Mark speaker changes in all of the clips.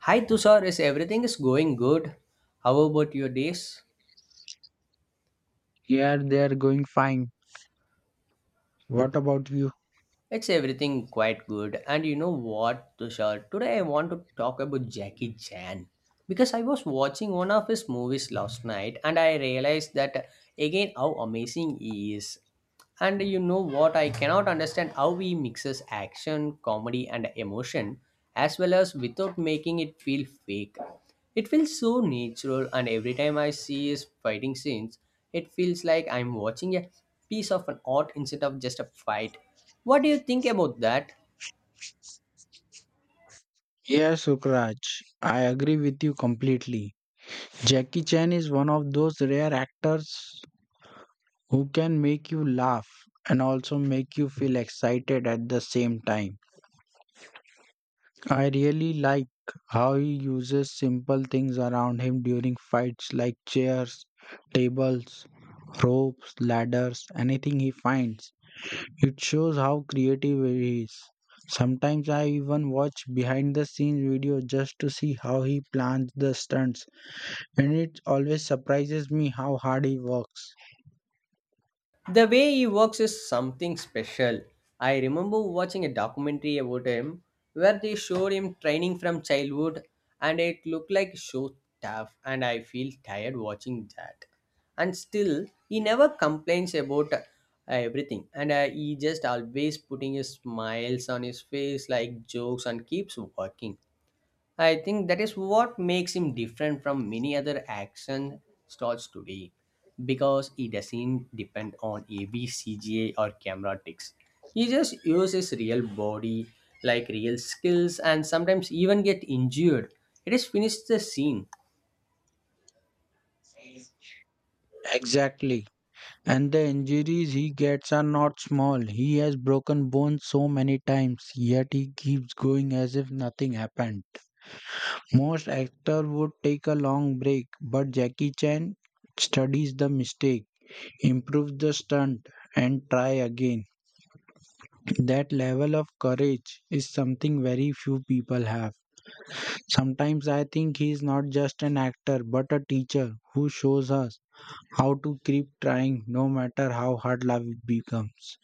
Speaker 1: Hi Tushar, is everything is going good? How about your days?
Speaker 2: Yeah, they are going fine. What about you?
Speaker 1: It's everything quite good. And you know what, Tushar? Today I want to talk about Jackie Chan because I was watching one of his movies last night and I realized that again how amazing he is. And you know what? I cannot understand how he mixes action, comedy, and emotion as well as without making it feel fake. It feels so natural, and every time I see his fighting scenes, it feels like I'm watching a piece of an art instead of just a fight. What do you think about that?
Speaker 2: Yes, Sukraj, I agree with you completely. Jackie Chan is one of those rare actors who can make you laugh and also make you feel excited at the same time. I really like how he uses simple things around him during fights like chairs, tables, ropes, ladders, anything he finds. It shows how creative he is. Sometimes I even watch behind the scenes video just to see how he plans the stunts, and it always surprises me how hard he works.
Speaker 1: The way he works is something special. I remember watching a documentary about him where they showed him training from childhood and it looked like so tough and I feel tired watching that. And still he never complains about everything and he just always putting his smiles on his face like jokes and keeps working. I think that is what makes him different from many other action stars today because he doesn't depend on AV, or camera tricks. He just uses real body, like real skills, and sometimes even get injured. It is finished the scene.
Speaker 2: Exactly. And the injuries he gets are not small. He has broken bones so many times, yet he keeps going as if nothing happened. Most actors would take a long break, but Jackie Chan studies the mistake, improves the stunt, and try again. That level of courage is something very few people have. Sometimes I think he is not just an actor but a teacher who shows us how to keep trying no matter how hard life becomes.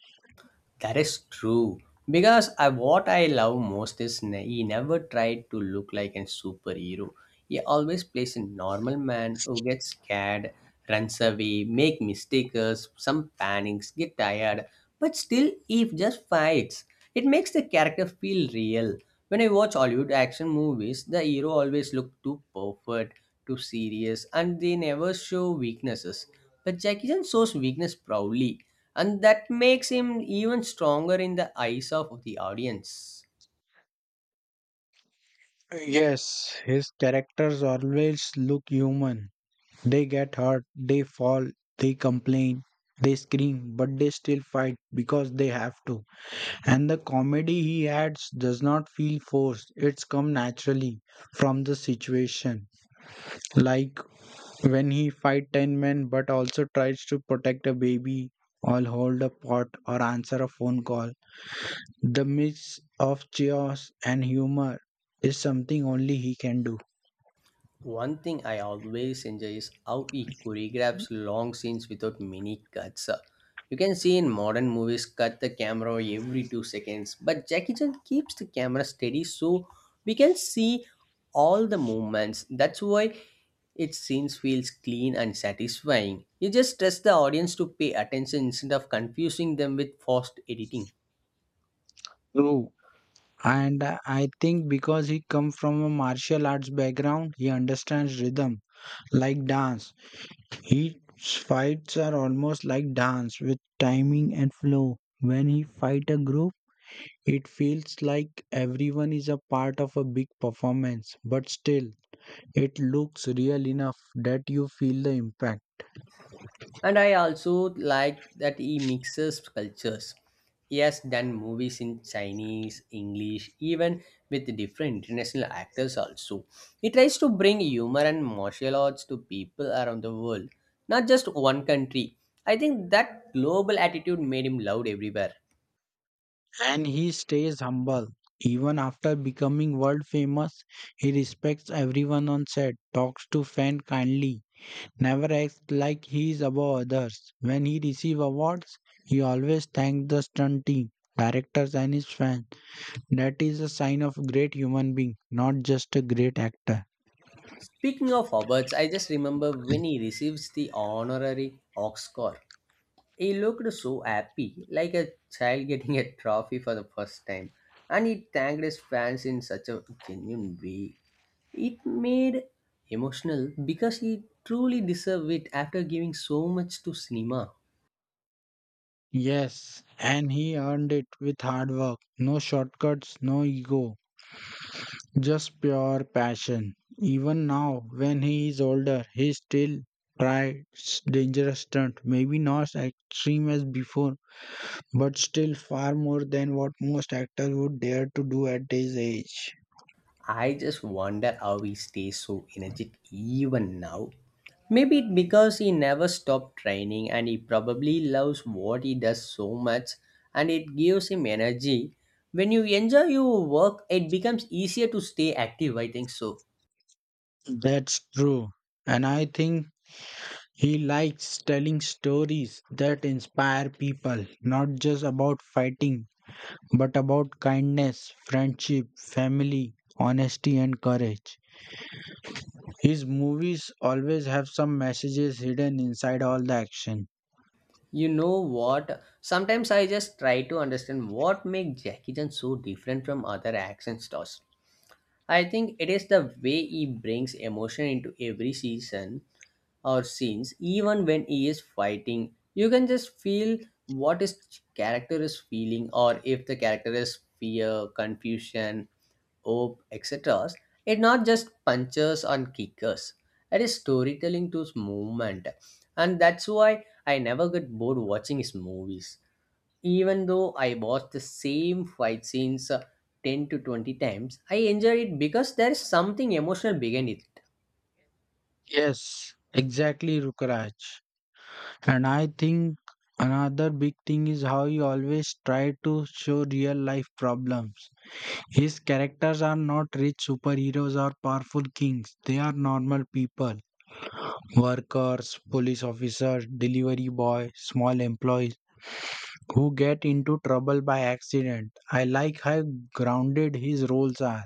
Speaker 1: That is true. Because I, what I love most is he never tried to look like a superhero. He always plays a normal man who gets scared, runs away, make mistakes, some panics, get tired, but still he just fights. It makes the character feel real. When I watch Hollywood action movies, the hero always look too perfect, too serious, and they never show weaknesses. But Jackie Chan shows weakness proudly and that makes him even stronger in the eyes of the audience.
Speaker 2: Yes, his characters always look human. They get hurt, they fall, they complain, they scream, but they still fight because they have to. And the comedy he adds does not feel forced, it's come naturally from the situation. Like when he fight ten men but also tries to protect a baby or hold a pot or answer a phone call, the mix of chaos and humor is something only he can do.
Speaker 1: One thing I always enjoy is how he choreographs long scenes without many cuts. You can see in modern movies cut the camera every 2 seconds, but Jackie Chan keeps the camera steady so we can see all the movements. That's why its scenes feels clean and satisfying. You just trust the audience to pay attention instead of confusing them with forced editing.
Speaker 2: True. And I think because he come from a martial arts background, he understands rhythm like dance. His fights are almost like dance with timing and flow. When he fight a group, it feels like everyone is a part of a big performance, but still it looks real enough that you feel the impact.
Speaker 1: And I also like that he mixes cultures. He has done movies in Chinese, English, even with different international actors also. He tries to bring humor and martial arts to people around the world, not just one country. I think that global attitude made him loved everywhere.
Speaker 2: And he stays humble. Even after becoming world famous, he respects everyone on set, talks to fans kindly, never acts like he is above others. When he receives awards, he always thanks the stunt team, directors, and his fans. That is a sign of great human being, not just a great actor.
Speaker 1: Speaking of Hobarts, I just remember when he receives the honorary Oscar. He looked so happy, like a child getting a trophy for the first time, and he thanked his fans in such a genuine way. It made emotional because he truly deserved it after giving so much to cinema.
Speaker 2: Yes, and he earned it with hard work. No shortcuts, no ego. Just pure passion. Even now, when he is older, he still tries dangerous stunts. Maybe not as extreme as before, but still far more than what most actors would dare to do at his age.
Speaker 1: I just wonder how he stays so energetic even now. Maybe it because he never stopped training and he probably loves what he does so much and it gives him energy. When you enjoy your work, it becomes easier to stay active, I think so.
Speaker 2: That's true. And I think he likes telling stories that inspire people, not just about fighting, but about kindness, friendship, family, honesty, and courage. His movies always have some messages hidden inside all the action.
Speaker 1: You know what? Sometimes I just try to understand what makes Jackie Chan so different from other action stars. I think it is the way he brings emotion into every season or scenes even when he is fighting you can just feel what his character is feeling, or if the character is fear, confusion, hope, etc. It not just punches and kickers, it is storytelling to his movement. And that's why I never get bored watching his movies, even though I watch the same fight scenes 10 to 20 times. I enjoy it because there is something emotional behind it.
Speaker 2: Yes, exactly, Rukraj. And I think another big thing is how he always tried to show real life problems. His characters are not rich superheroes or powerful kings, they are normal people workers, police officers, delivery boy, small employees who get into trouble by accident. I like how grounded his roles are.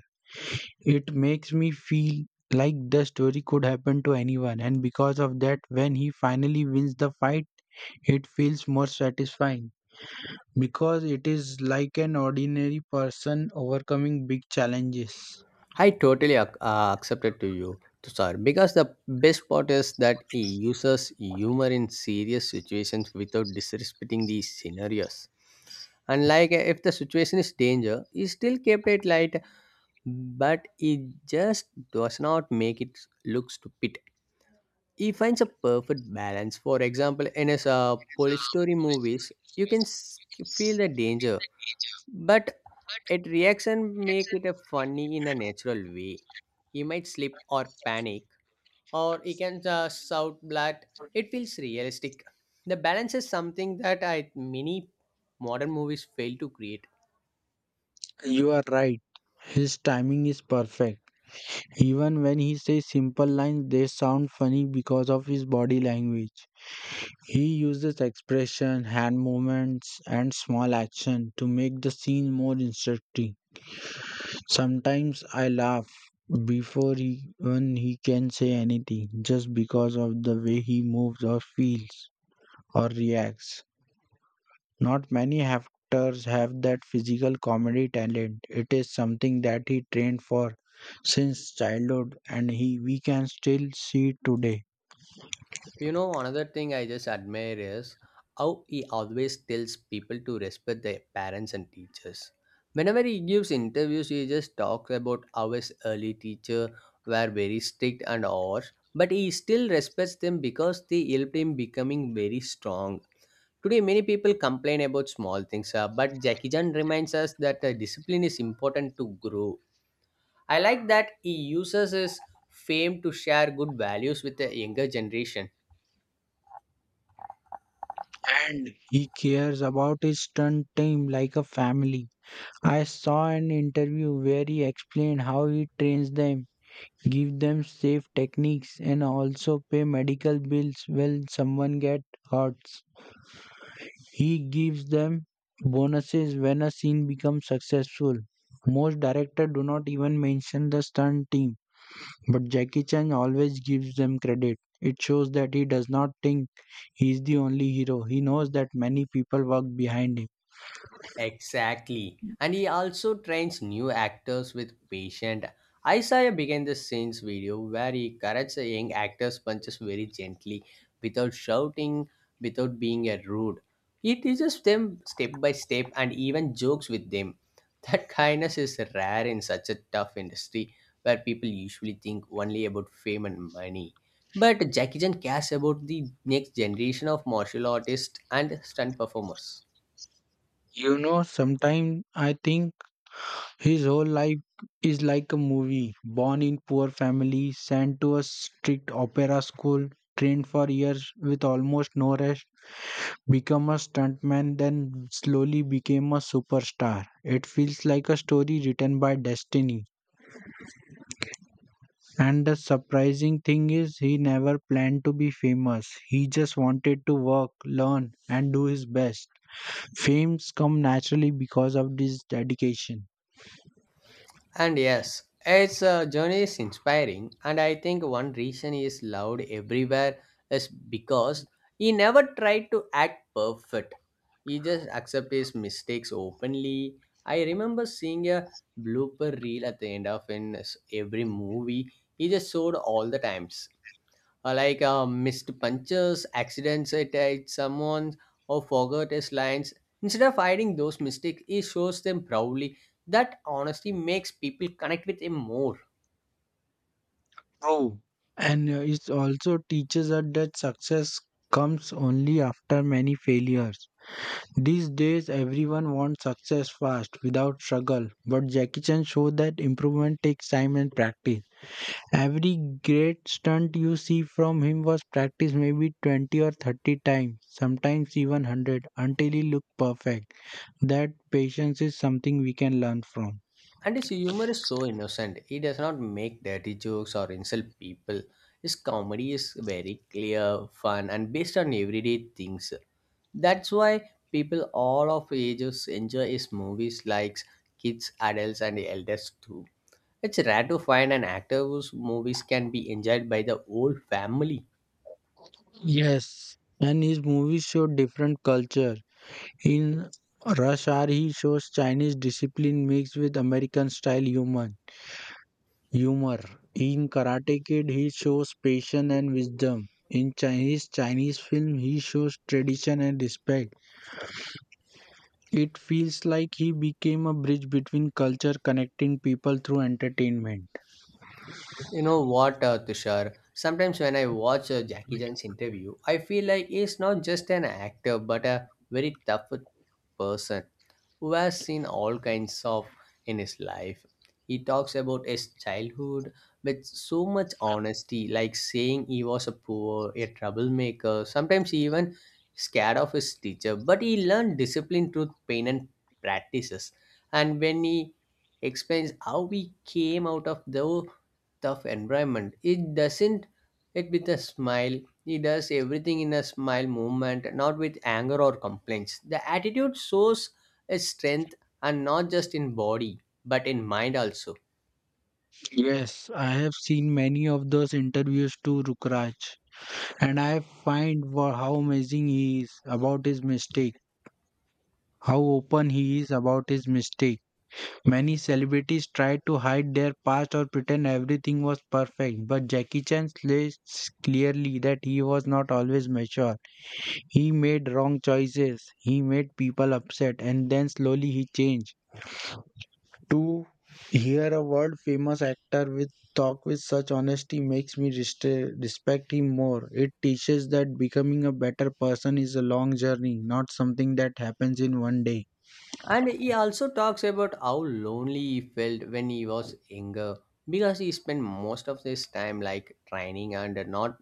Speaker 2: It makes me feel like the story could happen to anyone, and because of that, when he finally wins the fight, it feels more satisfying because it is like an ordinary person overcoming big challenges.
Speaker 1: I totally accepted to you, Tushar, because the best part is that he uses humor in serious situations without disrespecting these scenarios. And like if the situation is danger, he still kept it light, but he just does not make it look stupid. He finds a perfect balance. For example, in his police story movies, you can feel the danger, but it reaction make it a funny in a natural way. He might slip or panic, or he can just shout blood. It feels realistic. The balance is something that I many modern movies fail to create.
Speaker 2: You are right, his timing is perfect. Even when he says simple lines, they sound funny because of his body language. He uses expression, hand movements, and small action to make the scene more instructive. Sometimes I laugh before even he can say anything just because of the way he moves or feels or reacts. Not many actors have that physical comedy talent. It is something that he trained for since childhood and he we can still see it today.
Speaker 1: You know, another thing I just admire is how he always tells people to respect their parents and teachers. Whenever he gives interviews, he just talks about how his early teacher were very strict and harsh, but he still respects them because they helped him becoming very strong. Today, many people complain about small things, but Jackie Chan reminds us that discipline is important to grow. I like that he uses his fame to share good values with the younger generation.
Speaker 2: And he cares about his stunt team like a family. I saw an interview where he explained how he trains them give them safe techniques and also pay medical bills when someone gets hurt. He gives them bonuses when a scene becomes successful. Most directors do not even mention the stunt team, but Jackie Chan always gives them credit. It shows that he does not think he is the only hero. He knows that many people work behind him.
Speaker 1: Exactly. And he also trains new actors with patient. Isaiah began the scenes video where he corrects a young actor's punches very gently, without shouting, without being a rude. He teaches them step by step and even jokes with them. That kindness is rare in such a tough industry where people usually think only about fame and money. But Jackie Chan cares about the next generation of martial artists and stunt performers.
Speaker 2: You know, sometimes I think his whole life is like a movie. Born in poor family, sent to a strict opera school, trained for years with almost no rest, became a stuntman, then slowly became a superstar. It feels like a story written by destiny. And the surprising thing is, he never planned to be famous. He just wanted to work, learn, and do his best. Fames come naturally because of this dedication.
Speaker 1: And yes, its journey is inspiring, and I think one reason he is loved everywhere is because he never tried to act perfect. He just accepted his mistakes openly. I remember seeing a blooper reel at the end of in every movie. He just showed all the times, like missed punches, accidents it at someone or forgot his lines. Instead of hiding those mistakes, he shows them proudly. That honesty makes people connect with him more.
Speaker 2: True. And it also teaches us that success comes only after many failures. These days, everyone wants success fast without struggle, but Jackie Chan showed that improvement takes time and practice. Every great stunt you see from him was practiced maybe 20 or 30 times, sometimes even 100, until he looked perfect. That patience is something we can learn from.
Speaker 1: And his humor is so innocent. He does not make dirty jokes or insult people. His comedy is very clear, fun, and based on everyday things. That's why people all of ages enjoy his movies like kids, adults, and elders too. It's rare to find an actor whose movies can be enjoyed by the whole family.
Speaker 2: Yes, and his movies show different cultures. In Rush Hour, he shows Chinese discipline mixed with American style humor. Humor. In Karate Kid, he shows patience and wisdom. In Chinese film, he shows tradition and respect. It feels like he became a bridge between culture, connecting people through entertainment.
Speaker 1: You know what, Tushar? Sometimes when I watch Jackie Chan's interview, I feel like he's not just an actor but a very tough person. Who has seen all kinds of in his life. He talks about his childhood with so much honesty, like saying he was a poor, a troublemaker, sometimes even scared of his teacher. But he learned discipline through pain and practices. And when he explains how we came out of the tough environment, it doesn't it with a smile. He does everything in a smile movement, not with anger or complaints. The attitude shows is strength and not just in body but in mind also.
Speaker 2: Yes, I have seen many of those interviews to Rukraj, and I find how amazing he is about his mistake, how open he is about his mistake. Many celebrities tried to hide their past or pretend everything was perfect, but Jackie Chan says clearly that he was not always mature. He made wrong choices, he made people upset, and then slowly he changed. To hear a world famous actor with talk with such honesty makes me respect him more. It teaches that becoming a better person is a long journey, not something that happens in one day.
Speaker 1: And he also talks about how lonely he felt when he was younger because he spent most of his time like training and not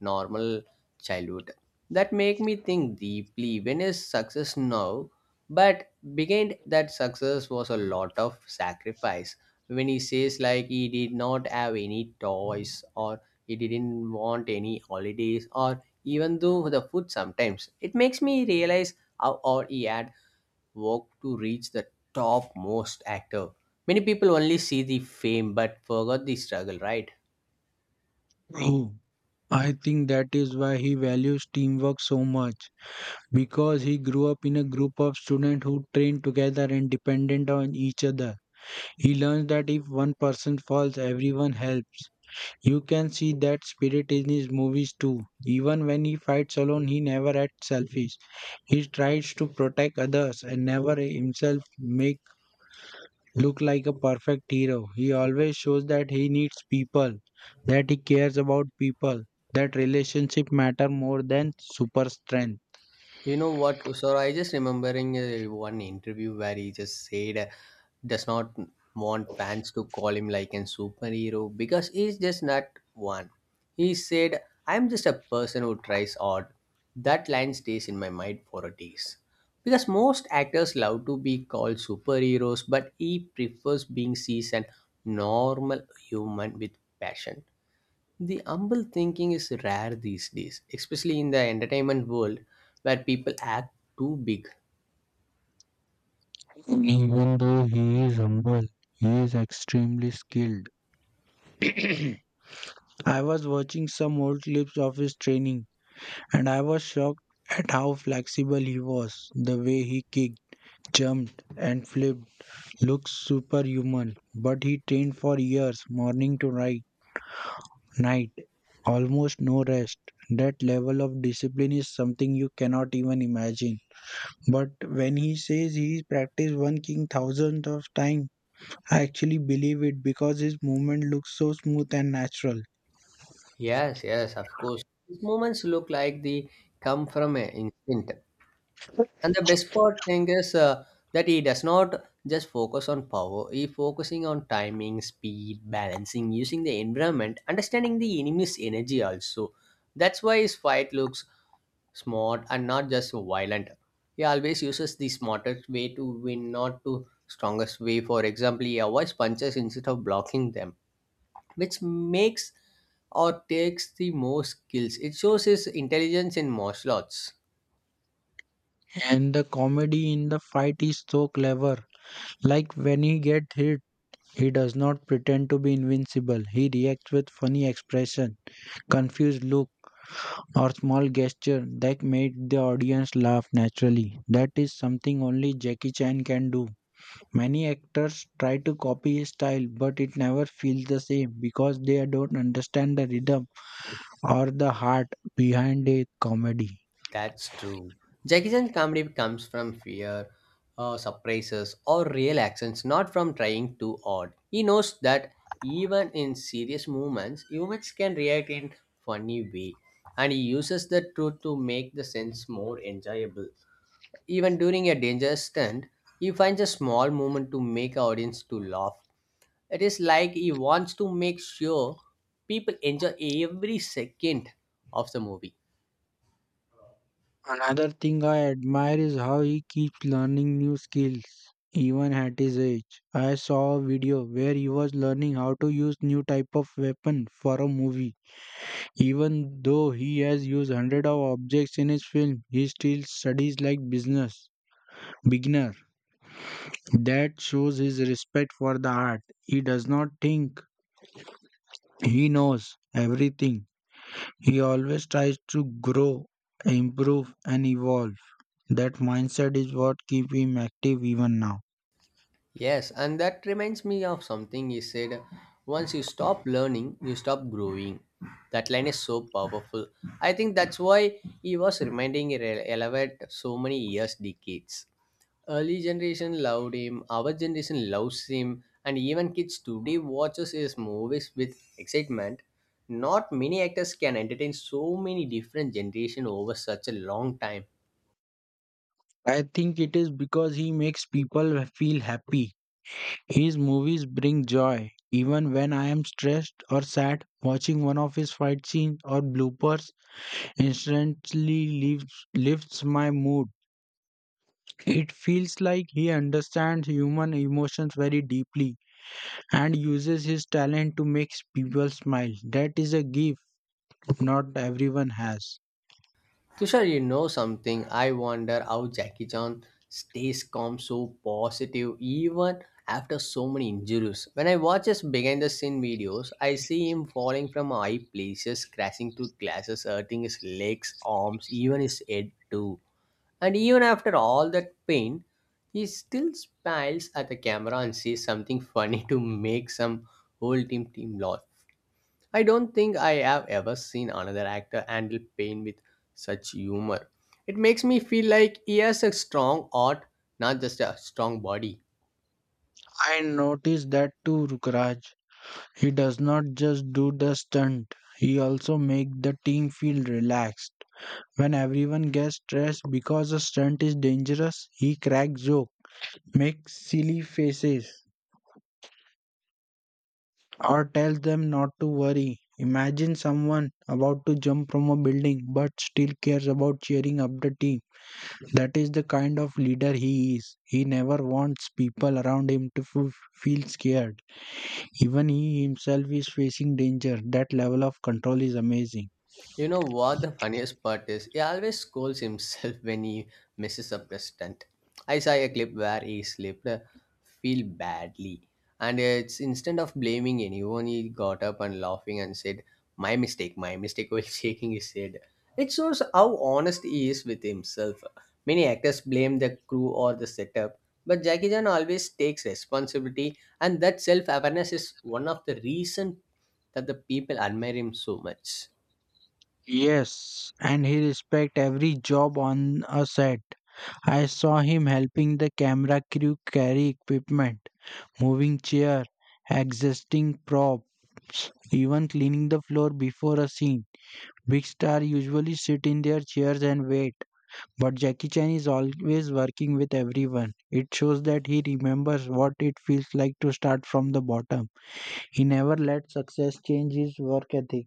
Speaker 1: normal childhood. That make me think deeply when is success now, but behind that success was a lot of sacrifice. When he says like he did not have any toys or he didn't want any holidays or even though the food sometimes, it makes me realize how hard he had worked to reach the topmost actor. Many people only see the fame but forgot the struggle, right?
Speaker 2: True. I think that is why he values teamwork so much, because he grew up in a group of students who trained together and dependent on each other. He learns that if one person falls, everyone helps. You can see that spirit in his movies too. Even when he fights alone, he never acts selfish. He tries to protect others and never himself make look like a perfect hero. He always shows that he needs people, that he cares about people, that relationship matter more than super strength.
Speaker 1: You know what, sir? I just remembering one interview where he just said does not want fans to call him like a superhero because he's just not one. He said, "I'm just a person who tries hard." That line stays in my mind for a days because most actors love to be called superheroes, but he prefers being seen as a normal human with passion. The humble thinking is rare these days, especially in the entertainment world where people act too big.
Speaker 2: Even though he is humble, he is extremely skilled. I was watching some old clips of his training and I was shocked at how flexible he was. The way he kicked, jumped, and flipped looks superhuman. But he trained for years, morning to night, almost no rest. That level of discipline is something you cannot even imagine. But when he says he practiced one king thousands of times, I actually believe it because his movement looks so smooth and natural.
Speaker 1: Yes, yes, of course. These moments look like they come from an instinct. And the best part thing is that he does not just focus on power, he focusing on timing, speed, balancing, using the environment, understanding the enemy's energy also. That's why his fight looks smart and not just violent. He always uses the smartest way to win, not to strongest way. For example, he avoids punches instead of blocking them, which makes or takes the most skills. It shows his intelligence in martial arts.
Speaker 2: And the comedy in the fight is so clever. Like when he gets hit, he does not pretend to be invincible. He reacts with funny expression, confused look, or small gesture that made the audience laugh naturally. That is something only Jackie Chan can do. Many actors try to copy his style, but it never feels the same because they don't understand the rhythm or the heart behind a comedy.
Speaker 1: That's true. Jackie comedy comes from fear, surprises, or real actions, not from trying too hard. He knows that even in serious moments, humans can react in funny way, and he uses the truth to make the sense more enjoyable. Even during a dangerous stunt, he finds a small moment to make our audience to laugh. It is like he wants to make sure people enjoy every second of the movie.
Speaker 2: Another thing I admire is how he keeps learning new skills even at his age. I saw a video where he was learning how to use new type of weapon for a movie. Even though he has used hundred of objects in his film, he still studies like business beginner. That shows his respect for the art. He does not think he knows everything. He always tries to grow, improve and evolve. That mindset is what keep him active even now.
Speaker 1: Yes, and that reminds me of something he said once you stop learning, you stop growing. That line is so powerful. I think that's why he was reminding relevant so many years, decades. Early generation loved him, our generation loves him, and even kids today watches his movies with excitement. Not many actors can entertain so many different generation over such a long time.
Speaker 2: I think it is because he makes people feel happy. His movies bring joy. Even when I am stressed or sad, watching one of his fight scenes or bloopers instantly lifts my mood. It feels like he understands human emotions very deeply and uses his talent to make people smile. That is a gift not everyone has.
Speaker 1: Tushar, you know something? I wonder how Jackie Chan stays calm, so positive, even after so many injuries. When I watch his behind the scene videos, I see him falling from high places, crashing through glasses, hurting his legs, arms, even his head too. And even after all that pain, he still smiles at the camera and says something funny to make some whole team laugh. I don't think I have ever seen another actor handle pain with such humor. It makes me feel like he has a strong heart, not just a strong body.
Speaker 2: I noticed that too, Rukraj. He does not just do the stunt, he also make the team feel relaxed. When everyone gets stressed because a stunt is dangerous, he cracks jokes, makes silly faces, or tells them not to worry. Imagine someone about to jump from a building but still cares about cheering up the team. That is the kind of leader he is. He never wants people around him to feel scared. Even he himself is facing danger. That level of control is amazing.
Speaker 1: You know what the funniest part is? He always scolds himself when he misses a press stunt. I saw a clip where he slipped, feel badly, and it's instead of blaming anyone, he got up and laughing and said, my mistake," while shaking his head. It shows how honest he is with himself. Many actors blame the crew or the setup, but Jackie Chan always takes responsibility, and that self-awareness is one of the reasons that the people admire him so much.
Speaker 2: Yes, and he respect every job on a set. I saw him helping the camera crew carry equipment, moving chair, adjusting props, even cleaning the floor before a scene. Big star usually sit in their chairs and wait, but Jackie Chan is always working with everyone. It shows that he remembers what it feels like to start from the bottom. He never let success change his work ethic.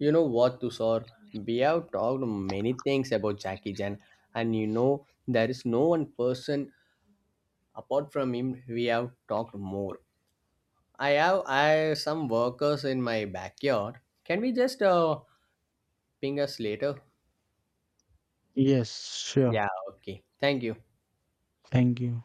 Speaker 1: You know what, Tushar? We have talked many things about Jackie Chan, and there is no one person apart from him we have talked more. I have I some workers in my backyard. Can we just ping us later?
Speaker 2: Yes, sure.
Speaker 1: Yeah, okay. Thank you.
Speaker 2: Thank you.